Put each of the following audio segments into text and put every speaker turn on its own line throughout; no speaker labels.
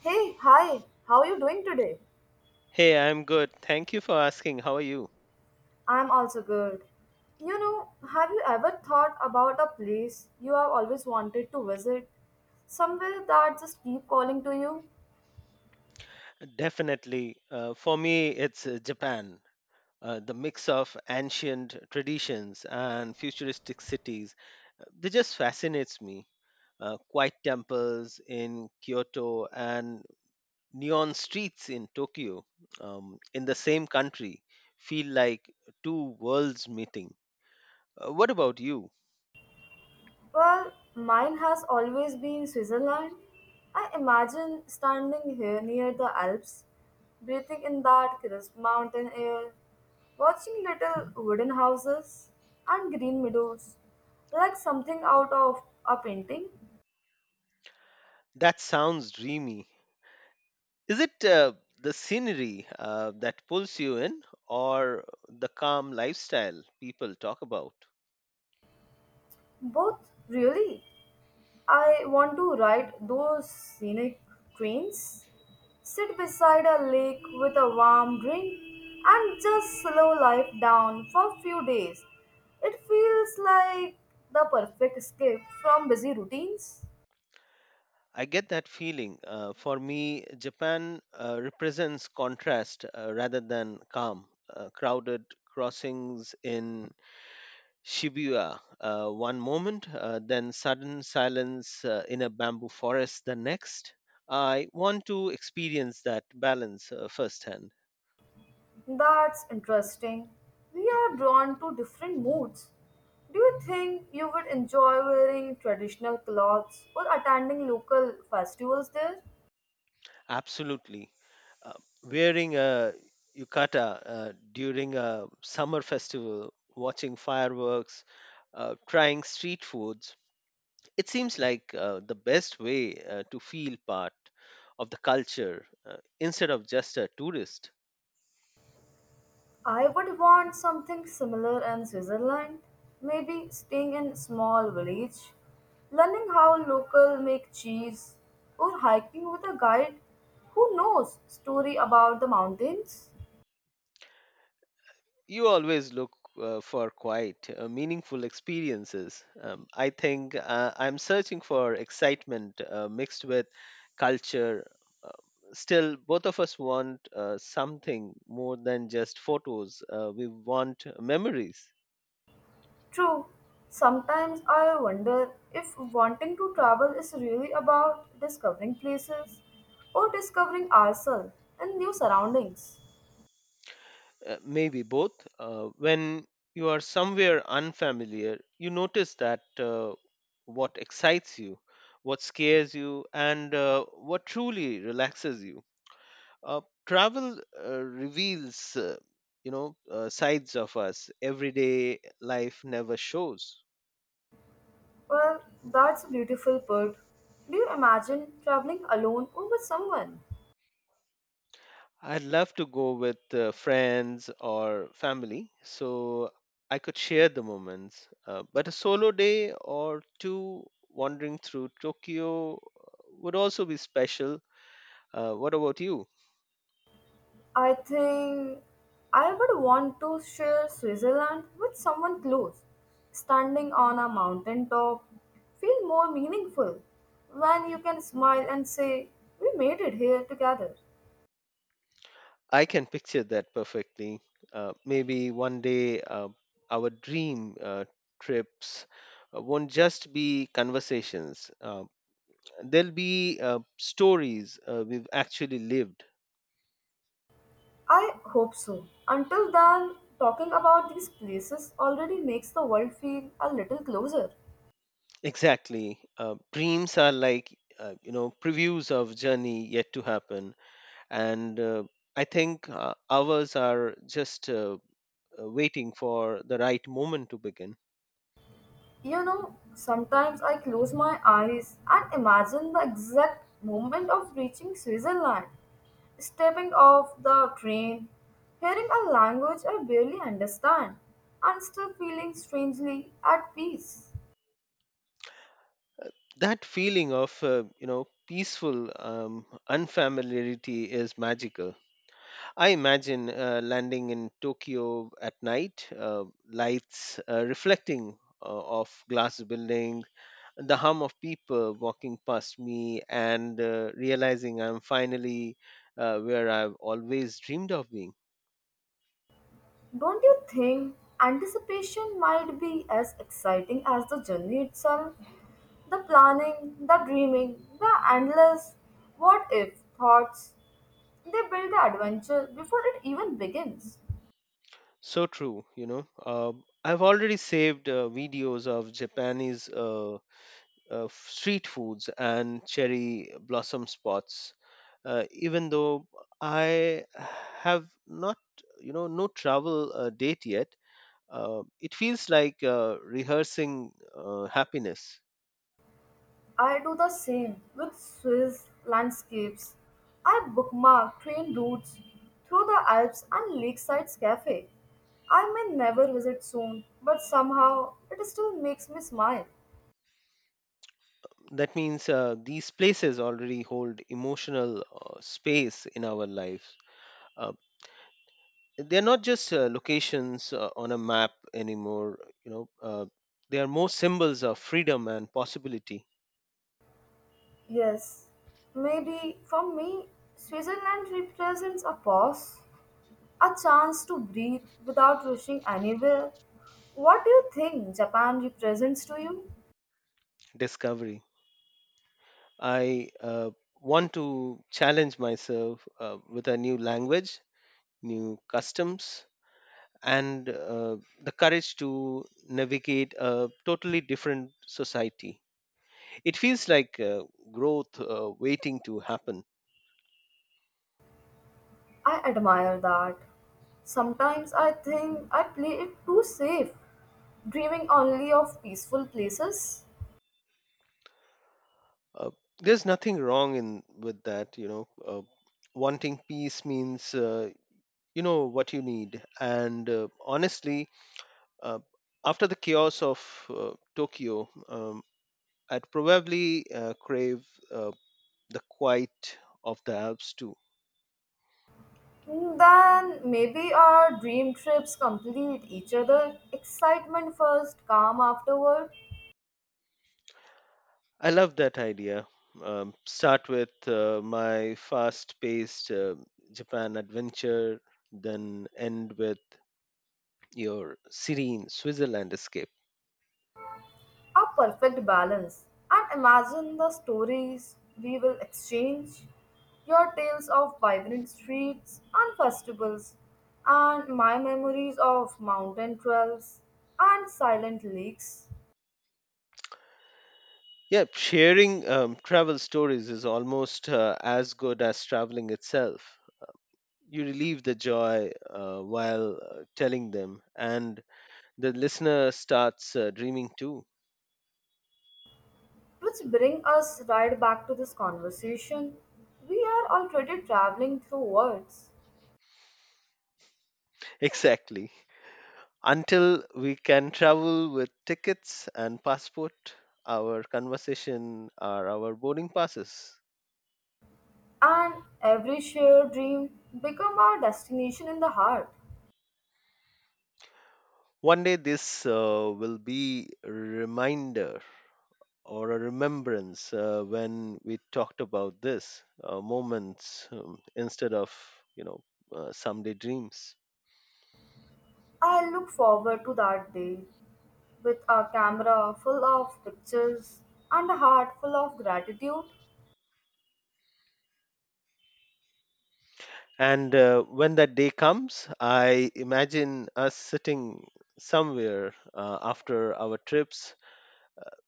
Hey, hi, how are you doing today?
Hey, I'm good. Thank you for asking. How are you?
I'm also good. You know, have you ever thought about a place you have always wanted to visit? Somewhere that just keep calling to you?
Definitely. For me, it's Japan. The mix of ancient traditions and futuristic cities, they just fascinates me. Quiet temples in Kyoto and neon streets in Tokyo, in the same country, feel like two worlds meeting. What about you?
Well, mine has always been Switzerland. I imagine standing here near the Alps, breathing in that crisp mountain air, watching little wooden houses and green meadows, like something out of a painting.
That sounds dreamy. Is it the scenery that pulls you in or the calm lifestyle people talk about?
Both really I want to ride those scenic trains, sit beside a lake with a warm drink, and just slow life down for a few days. It feels like the perfect escape from busy routines.
I get that feeling. For me, Japan represents contrast rather than calm. Crowded crossings in Shibuya one moment, then sudden silence in a bamboo forest the next. I want to experience that balance firsthand.
That's interesting. We are drawn to different moods. Do you think you would enjoy wearing traditional clothes or attending local festivals there?
Absolutely. Uh, Wearing a yukata during a summer festival, watching fireworks, trying street foods, it seems like the best way to feel part of the culture instead of just a tourist.
I would want something similar in Switzerland, maybe staying in a small village, learning how local make cheese, or hiking with a guide who knows story about the mountains.
You always look for quite meaningful experiences. I think I'm searching for excitement mixed with culture. Uh, Still, both of us want something more than just photos, we want memories.
True, sometimes I wonder if wanting to travel is really about discovering places or discovering ourselves and new surroundings.
Maybe both. When you are somewhere unfamiliar, you notice that what excites you, what scares you, and what truly relaxes you. Travel reveals, sides of us everyday life never shows.
Well, that's a beautiful put. Do you imagine traveling alone or with someone?
I'd love to go with friends or family so I could share the moments. But a solo day or two wandering through Tokyo would also be special. What about you?
I think I would want to share Switzerland with someone close. Standing on a mountain top feel more meaningful when you can smile and say, "We made it here together."
I can picture that perfectly. Maybe one day our dream trips won't just be conversations, there'll be stories we've actually lived.
I hope so. Until then, talking about these places already makes the world feel a little closer.
Exactly. Dreams are like, previews of journey yet to happen. And I think ours are just waiting for the right moment to begin.
You know, sometimes I close my eyes and imagine the exact moment of reaching Switzerland, stepping off the train, hearing a language I barely understand, and still feeling strangely at peace.
That feeling of peaceful unfamiliarity is magical. I imagine landing in Tokyo at night, lights reflecting off glass building, the hum of people walking past me and realizing I'm finally where I've always dreamed of being.
Don't you think anticipation might be as exciting as the journey itself? The planning, the dreaming, the endless what if thoughts, they build the adventure before it even begins.
So true. I've already saved videos of Japanese street foods and cherry blossom spots even though I have not no travel date yet. It feels like rehearsing happiness.
I do the same with Swiss landscapes. I bookmark train routes through the Alps and Lakeside Cafe. I may never visit soon, but somehow it still makes me smile.
That means these places already hold emotional space in our lives. uh, they're not just locations on a map anymore, they are more symbols of freedom and possibility.
Yes, maybe for me, Switzerland represents a pause, a chance to breathe without rushing anywhere. What do you think Japan represents to you?
Discovery. I want to challenge myself with a new language, new customs, and the courage to navigate a totally different society. It feels like growth waiting to happen.
I admire that. Sometimes I think I play it too safe, dreaming only of peaceful places.
Uh, there's nothing wrong in with that. Wanting peace means you know what you need, and honestly, uh, after the chaos of uh, Tokyo. I'd probably crave uh, the quiet of the Alps too.
Hmm, then maybe our dream trips complete each other. Excitement first, calm afterward.
I love that idea. Start with my fast paced Japan adventure, then end with your serene Switzerland escape.
A perfect balance. And imagine the stories we will exchange. Your tales of vibrant streets and festivals, and my memories of mountain trails and silent lakes.
Yeah, sharing travel stories is almost as good as traveling itself. You relieve the joy while telling them, and the listener starts dreaming too.
Which bring us right back to this conversation. We are already traveling through words,
Exactly. Until we can travel with tickets and passport, our conversation are our boarding passes.
and every shared dream become our destination in the heart.
One day this will be a reminder or a remembrance when we talked about this moments instead of you know someday dreams.
I look forward to that day with a camera full of pictures and a heart full of gratitude.
And when that day comes, I imagine us sitting somewhere after our trips,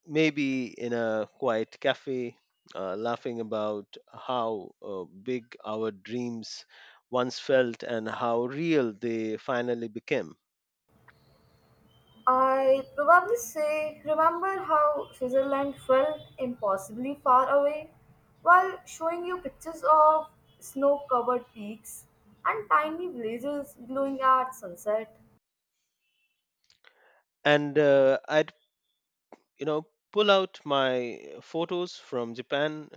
maybe in a quiet cafe, laughing about how big our dreams once felt and how real they finally became.
I probably say, remember how Switzerland felt impossibly far away while showing you pictures of snow covered peaks and tiny villages glowing at sunset?
And I'd, you know, pull out my photos from Japan,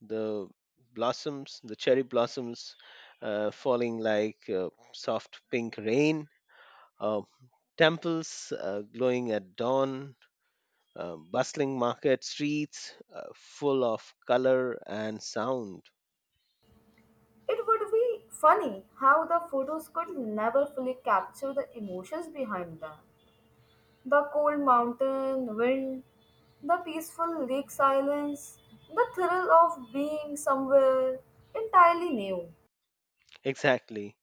the blossoms, the cherry blossoms falling like soft pink rain, uh, temples glowing at dawn, bustling market streets full of color and sound.
It would be funny how the photos could never fully capture the emotions behind them. The cold mountain wind, the peaceful lake silence, the thrill of being somewhere entirely new.
Exactly.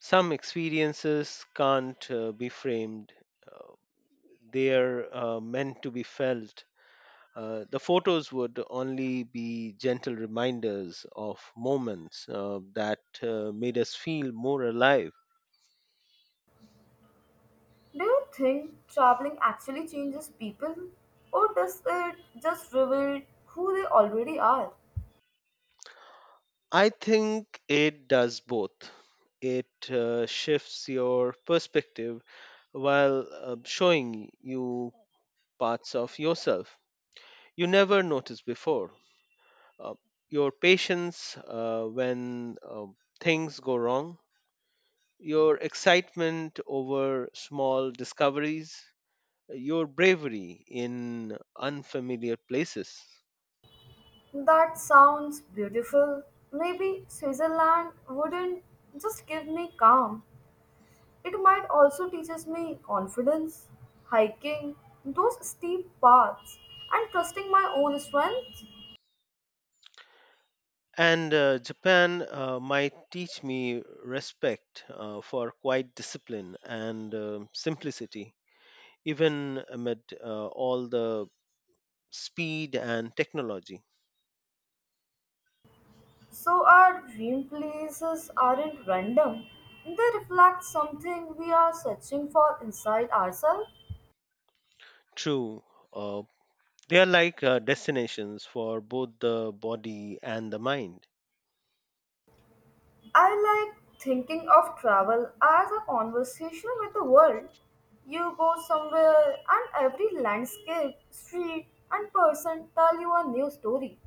Some experiences can't be framed, uh, they're meant to be felt. The photos would only be gentle reminders of moments that made us feel more alive.
Do you think traveling actually changes people, or does it just reveal who they already are?
I think it does both. It shifts your perspective while showing you parts of yourself you never noticed before. Uh, your patience when things go wrong, your excitement over small discoveries, your bravery in unfamiliar places.
That sounds beautiful. Maybe Switzerland wouldn't just give me calm. It might also teaches me confidence, hiking, those steep paths, and trusting my own strength.
And Japan might teach me respect for quiet discipline and simplicity, even amid all the speed and technology.
So our dream places aren't random. They reflect something we are searching for inside ourselves.
True, uh, they are like destinations for both the body and the mind.
I like thinking of travel as a conversation with the world. You go somewhere, and every landscape, street, and person tell you a new story.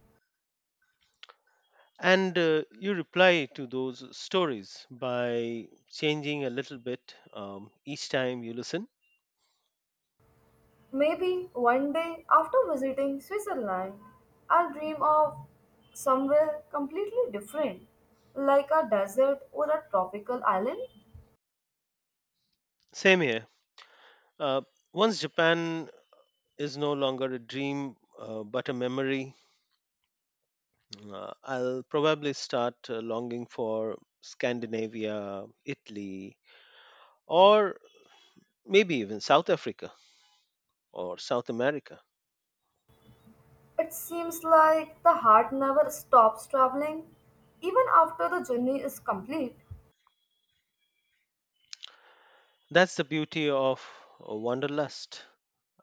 And you reply to those stories by changing a little bit each time you listen.
Maybe one day after visiting Switzerland, I'll dream of somewhere completely different, like a desert or a tropical island.
Same here. Uh, Once Japan is no longer a dream but a memory, I'll probably start longing for Scandinavia, Italy, or maybe even South Africa or South America.
It seems like the heart never stops traveling, even after the journey is complete.
That's the beauty of wanderlust.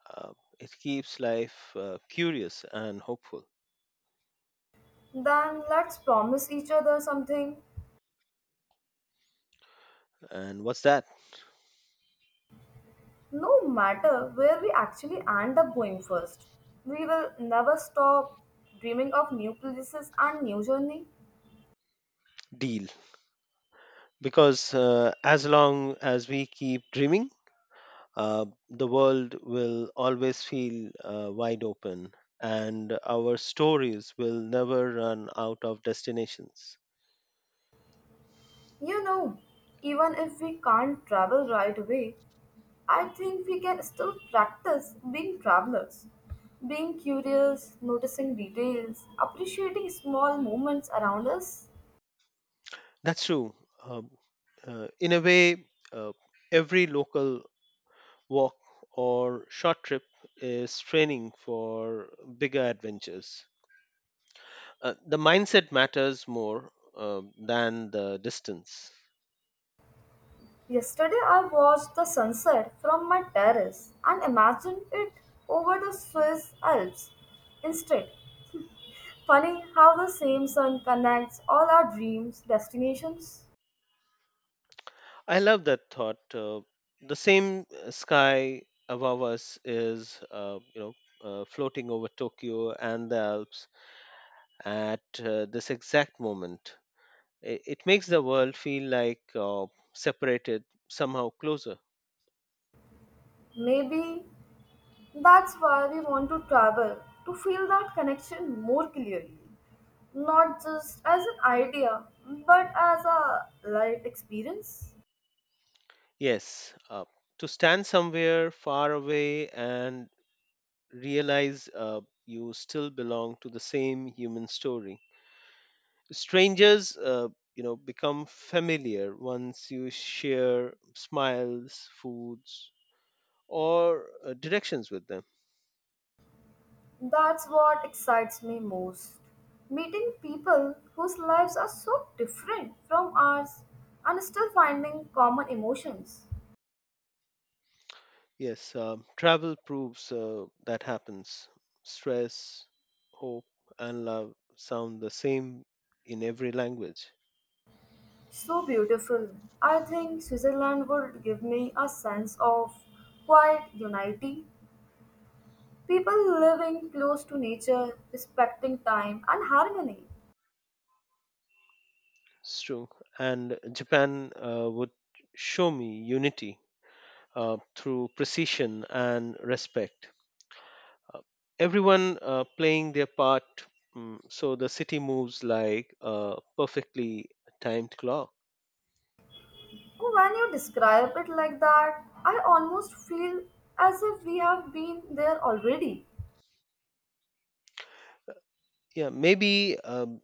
Uh, it keeps life curious and hopeful.
Then let's promise each other something.
And what's that?
No matter where we actually end up going first, we will never stop dreaming of new places and new journey.
Deal? Because as long as we keep dreaming, the world will always feel wide open and our stories will never run out of destinations.
You know, even if we can't travel right away, I think we can still practice being travelers, being curious, noticing details, appreciating small moments around us.
That's true. Um, in a way, uh, every local walk or short trip is training for bigger adventures. The mindset matters more than the distance.
Yesterday, I watched the sunset from my terrace and imagined it over the Swiss Alps. Instead, funny how the same sun connects all our dreams, destinations.
I love that thought. The same sky above us is, floating over Tokyo and the Alps at this exact moment. It makes the world feel like separated, somehow closer.
Maybe that's why we want to travel to feel that connection more clearly, not just as an idea, but as a life experience.
Yes, to stand somewhere far away and realize you still belong to the same human story. Strangers, become familiar once you share smiles, foods, or directions with them.
That's what excites me most. Meeting people whose lives are so different from ours and still finding common emotions.
Yes. Travel proves that happens. Stress, hope, and love sound the same in every language.
So beautiful. I think Switzerland would give me a sense of quiet unity. People living close to nature, respecting time and harmony.
It's true. And Japan would show me unity uh, through precision and respect, uh, everyone playing their part, so the city moves like a perfectly timed clock.
When you describe it like that, I almost feel as if we have been there already.
Yeah, maybe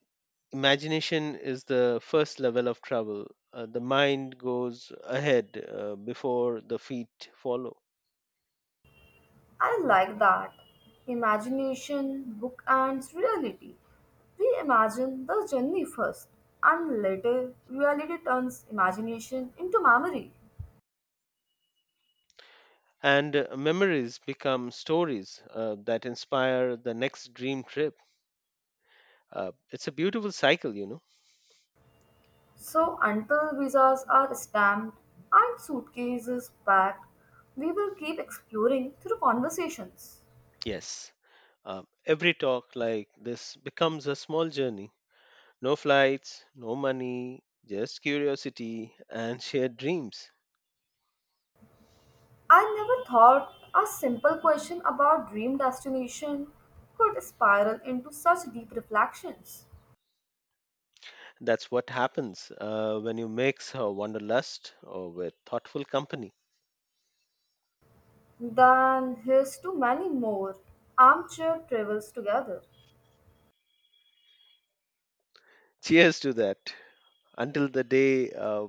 imagination is the first level of travel. The mind goes ahead before the feet follow.
I like that. Imagination bookends reality. We imagine the journey first, and later reality turns imagination into memory.
And memories become stories that inspire the next dream trip. It's a beautiful cycle.
So, until visas are stamped and suitcases packed, we will keep exploring through conversations.
Yes. Every talk like this becomes a small journey. No flights, no money, just curiosity and shared dreams.
I never thought a simple question about dream destination could spiral into such deep reflections.
That's what happens when you mix wanderlust with thoughtful company.
Than his to many more armchair travels together.
Cheers to that. Until the day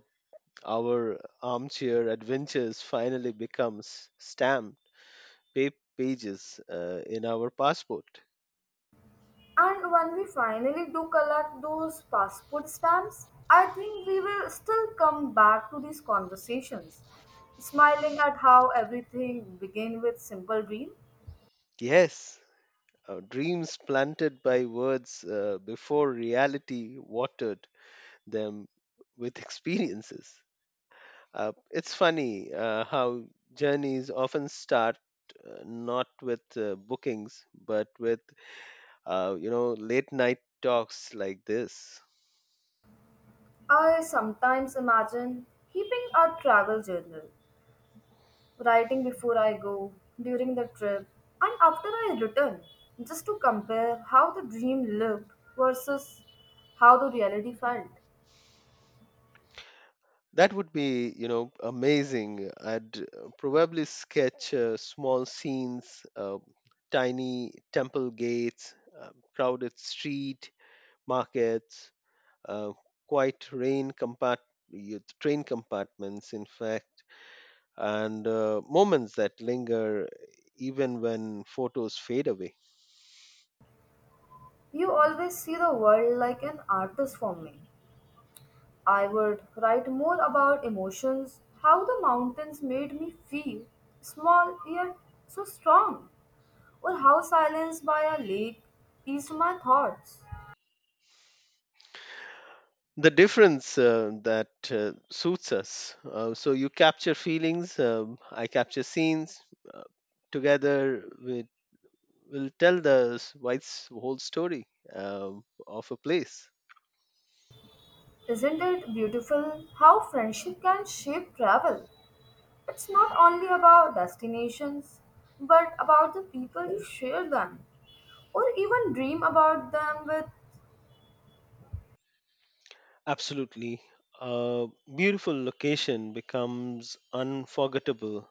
our armchair adventures finally becomes stamped pages in our passport.
And when we finally do collect those passport stamps, I think we will still come back to these conversations, smiling at how everything began with simple dream.
Yes, dreams planted by words before reality watered them with experiences. It's funny how journeys often start not with bookings, but with late night talks like this.
I sometimes imagine keeping a travel journal, writing before I go, during the trip, and after I return, just to compare how the dream lived versus how the reality felt.
That would be amazing. I'd probably sketch small scenes, tiny temple gates, crowded street markets, uh, quiet rain train compartments. In fact, and moments that linger even when photos fade away.
You always see the world like an artist for me. I would write more about emotions, how the mountains made me feel, small yet so strong, or how silence by a lake eased my thoughts.
The difference that suits us. So you capture feelings, I capture scenes. Uh, Together, we will tell the whole story of a place.
Isn't it beautiful how friendship can shape travel? It's not only about destinations, but about the people you share them, or even dream about them with.
Absolutely. A beautiful location becomes unforgettable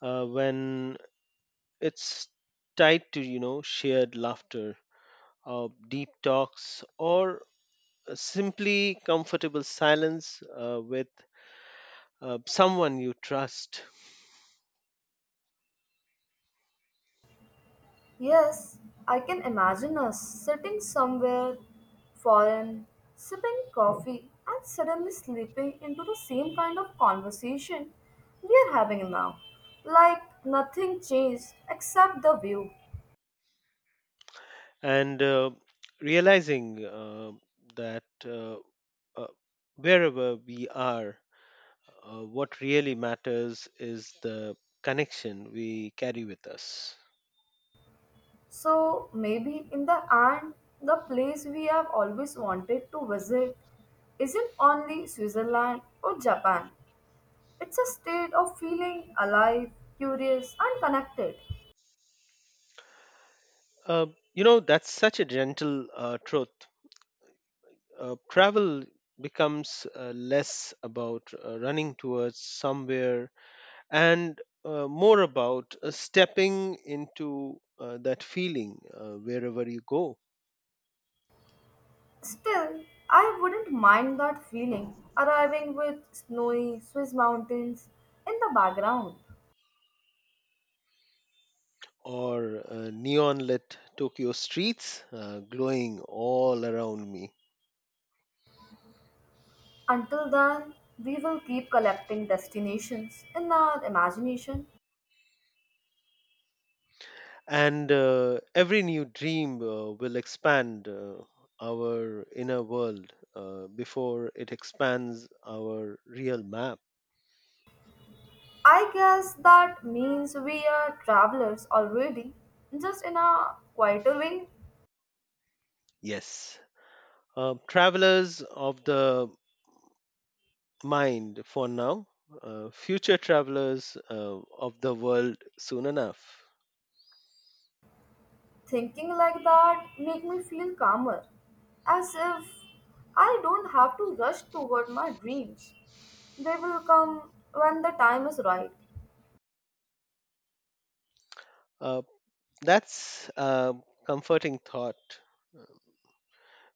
when it's tied to, shared laughter, deep talks, or simply comfortable silence with someone you trust.
Yes, I can imagine us sitting somewhere foreign, sipping coffee, and suddenly slipping into the same kind of conversation we are having now. Like nothing changed except the view.
And realizing that uh, wherever we are, what really matters is the connection we carry with us.
So maybe in the end, the place we have always wanted to visit isn't only Switzerland or Japan, it's a state of feeling alive, curious, and connected.
Uh, that's such a gentle truth. Travel becomes less about running towards somewhere and more about stepping into that feeling wherever you go.
Still, I wouldn't mind that feeling, arriving with snowy Swiss mountains in the background.
Or neon lit Tokyo streets glowing all around me.
Until then, we will keep collecting destinations in our imagination.
And every new dream will expand our inner world before it expands our real map.
I guess that means we are travelers already, just in a quieter way.
Yes, travelers of the mind for now. Future travelers of the world soon enough.
Thinking like that make me feel calmer, as if I don't have to rush toward my dreams. They will come when the time is right.
Uh, that's a comforting thought.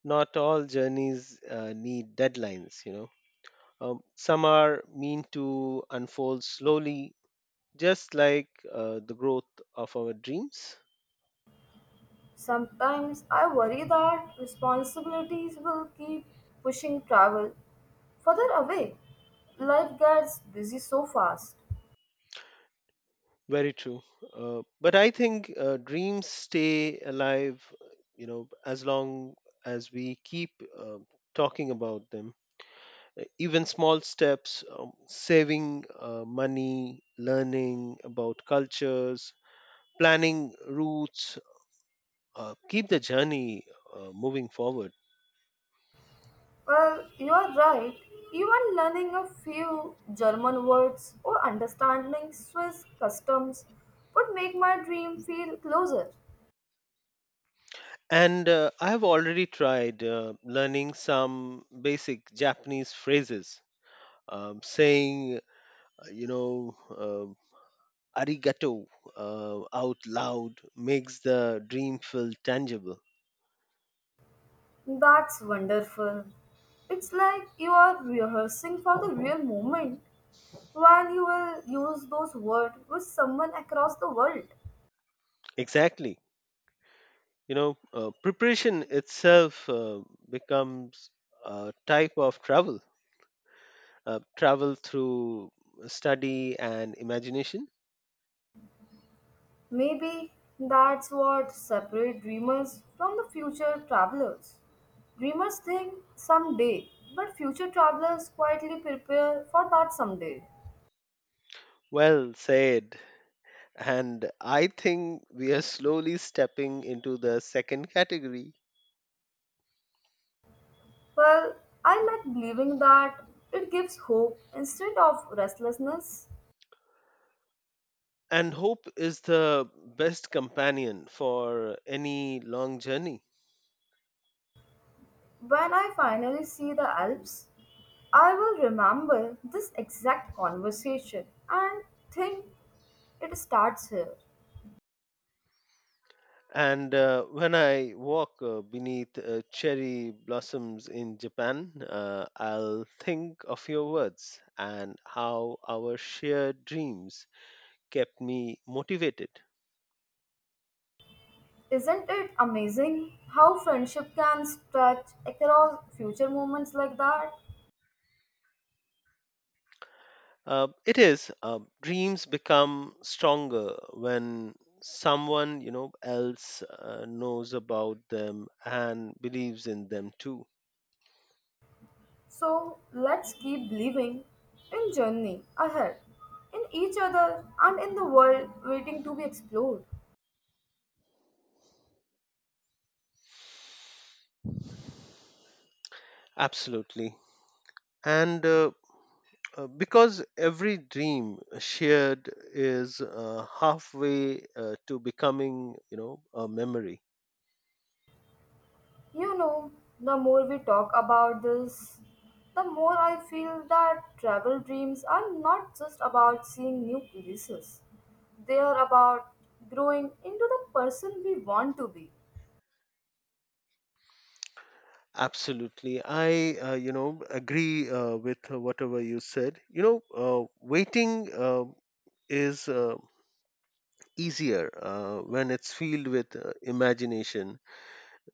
Not all journeys need deadlines. Some are meant to unfold slowly, just like the growth of our dreams.
Sometimes I worry that responsibilities will keep pushing travel further away. Life gets busy so fast.
Very true. But I think dreams stay alive, as long as we keep uh, talking about them. Even small steps, saving money, learning about cultures, planning routes, keep the journey moving forward.
Well, you are right. Even learning a few German words or understanding Swiss customs would make my dream feel closer.
And I have already tried learning some basic Japanese phrases. Saying uh, you know um arigato out loud makes the dream feel tangible.
That's wonderful. It's like you are rehearsing for the real moment when you will use those words with someone across the world.
Exactly, preparation itself becomes a type of travel, travel through study and imagination.
Maybe that's what separates dreamers from the future travelers. Dreamers think someday, but future travelers quietly prepare for that someday.
Well said. And I think we are slowly stepping into the second category.
Well, I like believing that it gives hope instead of restlessness.
And hope is the best companion for any long journey.
When I finally see the Alps, I will remember this exact conversation and think it starts here.
And when I walk beneath cherry blossoms in Japan, I'll think of your words and how our shared dreams kept me motivated.
Isn't it amazing how friendship can stretch across future moments like that?
It is. Dreams become stronger when someone else knows about them and believes in them too.
So let's keep believing in journey ahead, in each other and in the world waiting to be explored.
Absolutely. And because every dream shared is halfway to becoming a memory.
You know, the more we talk about this, the more I feel that travel dreams are not just about seeing new places. They are about growing into the person we want to be.
Absolutely. I agree with whatever you said. Waiting is easier when it's filled with imagination.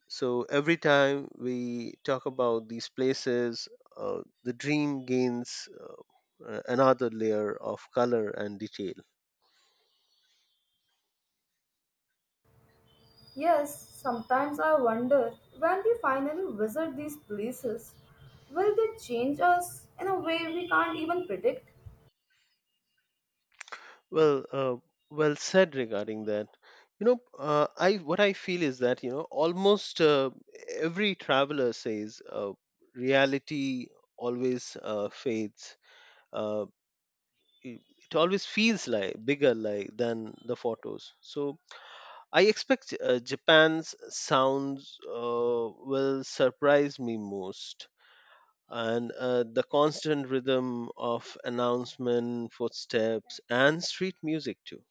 So every time we talk about these places, the dream gains another layer of color and detail.
Yes, sometimes I wonder when we finally visit these places, will they change us in a way we can't even predict?
Well, well said regarding that. You know, I what I feel is that almost every traveler says reality always fades. Uh, it always feels like bigger like than the photos. So I expect Japan's sounds will surprise me most. And the constant rhythm of announcement, footsteps, and street music too.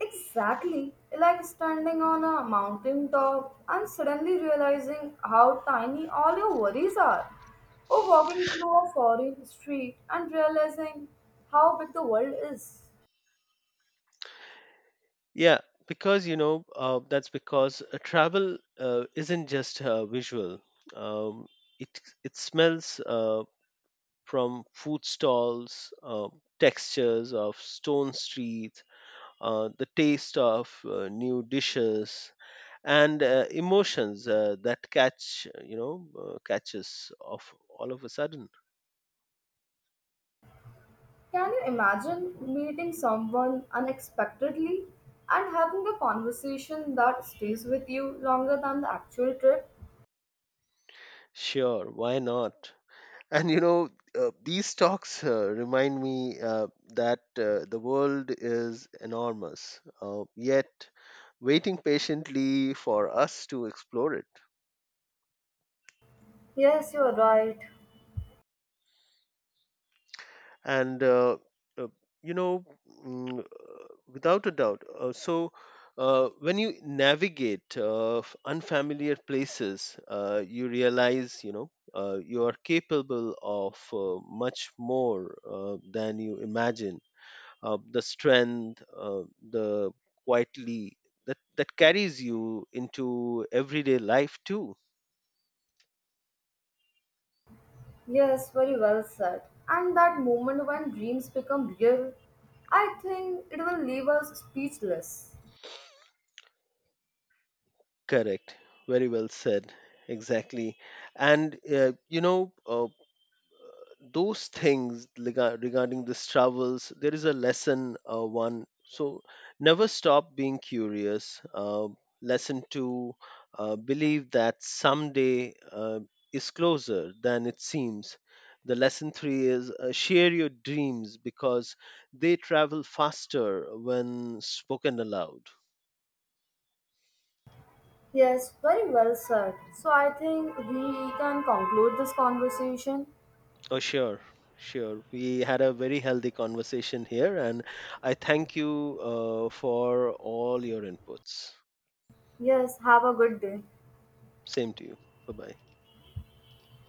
Exactly like standing on a mountain top and suddenly realizing how tiny all your worries are, or walking through a foreign street and realizing how big the world is.
Yeah, because that's because travel isn't just visual. Um, it smells from food stalls, textures of stone streets, the taste of new dishes, and emotions that catch catches of all of a sudden.
Can you imagine meeting someone unexpectedly and having a conversation that stays with you longer than the actual trip?
Sure, why not? And you know, these talks remind me that the world is enormous, yet waiting patiently for us to explore it.
Yes, you are right.
And uh, you know, mm, uh, without a doubt. So, when you navigate unfamiliar places, you realize, you are capable of much more than you imagine. The strength, the quietly that carries you into everyday life too.
Yes, very well said. And that moment when dreams become real, I think it will leave us speechless.
Correct. Very well said. Exactly. And those things, regarding these travels, there is a lesson one, so never stop being curious. Lesson two, believe that someday is closer than it seems. The lesson three is share your dreams because they travel faster when spoken aloud.
Yes, very well said. So I think we can conclude this conversation.
Oh, sure, sure. We had a very healthy conversation here, and I thank you for all your inputs.
Yes, have a good day.
Same to you. Bye bye.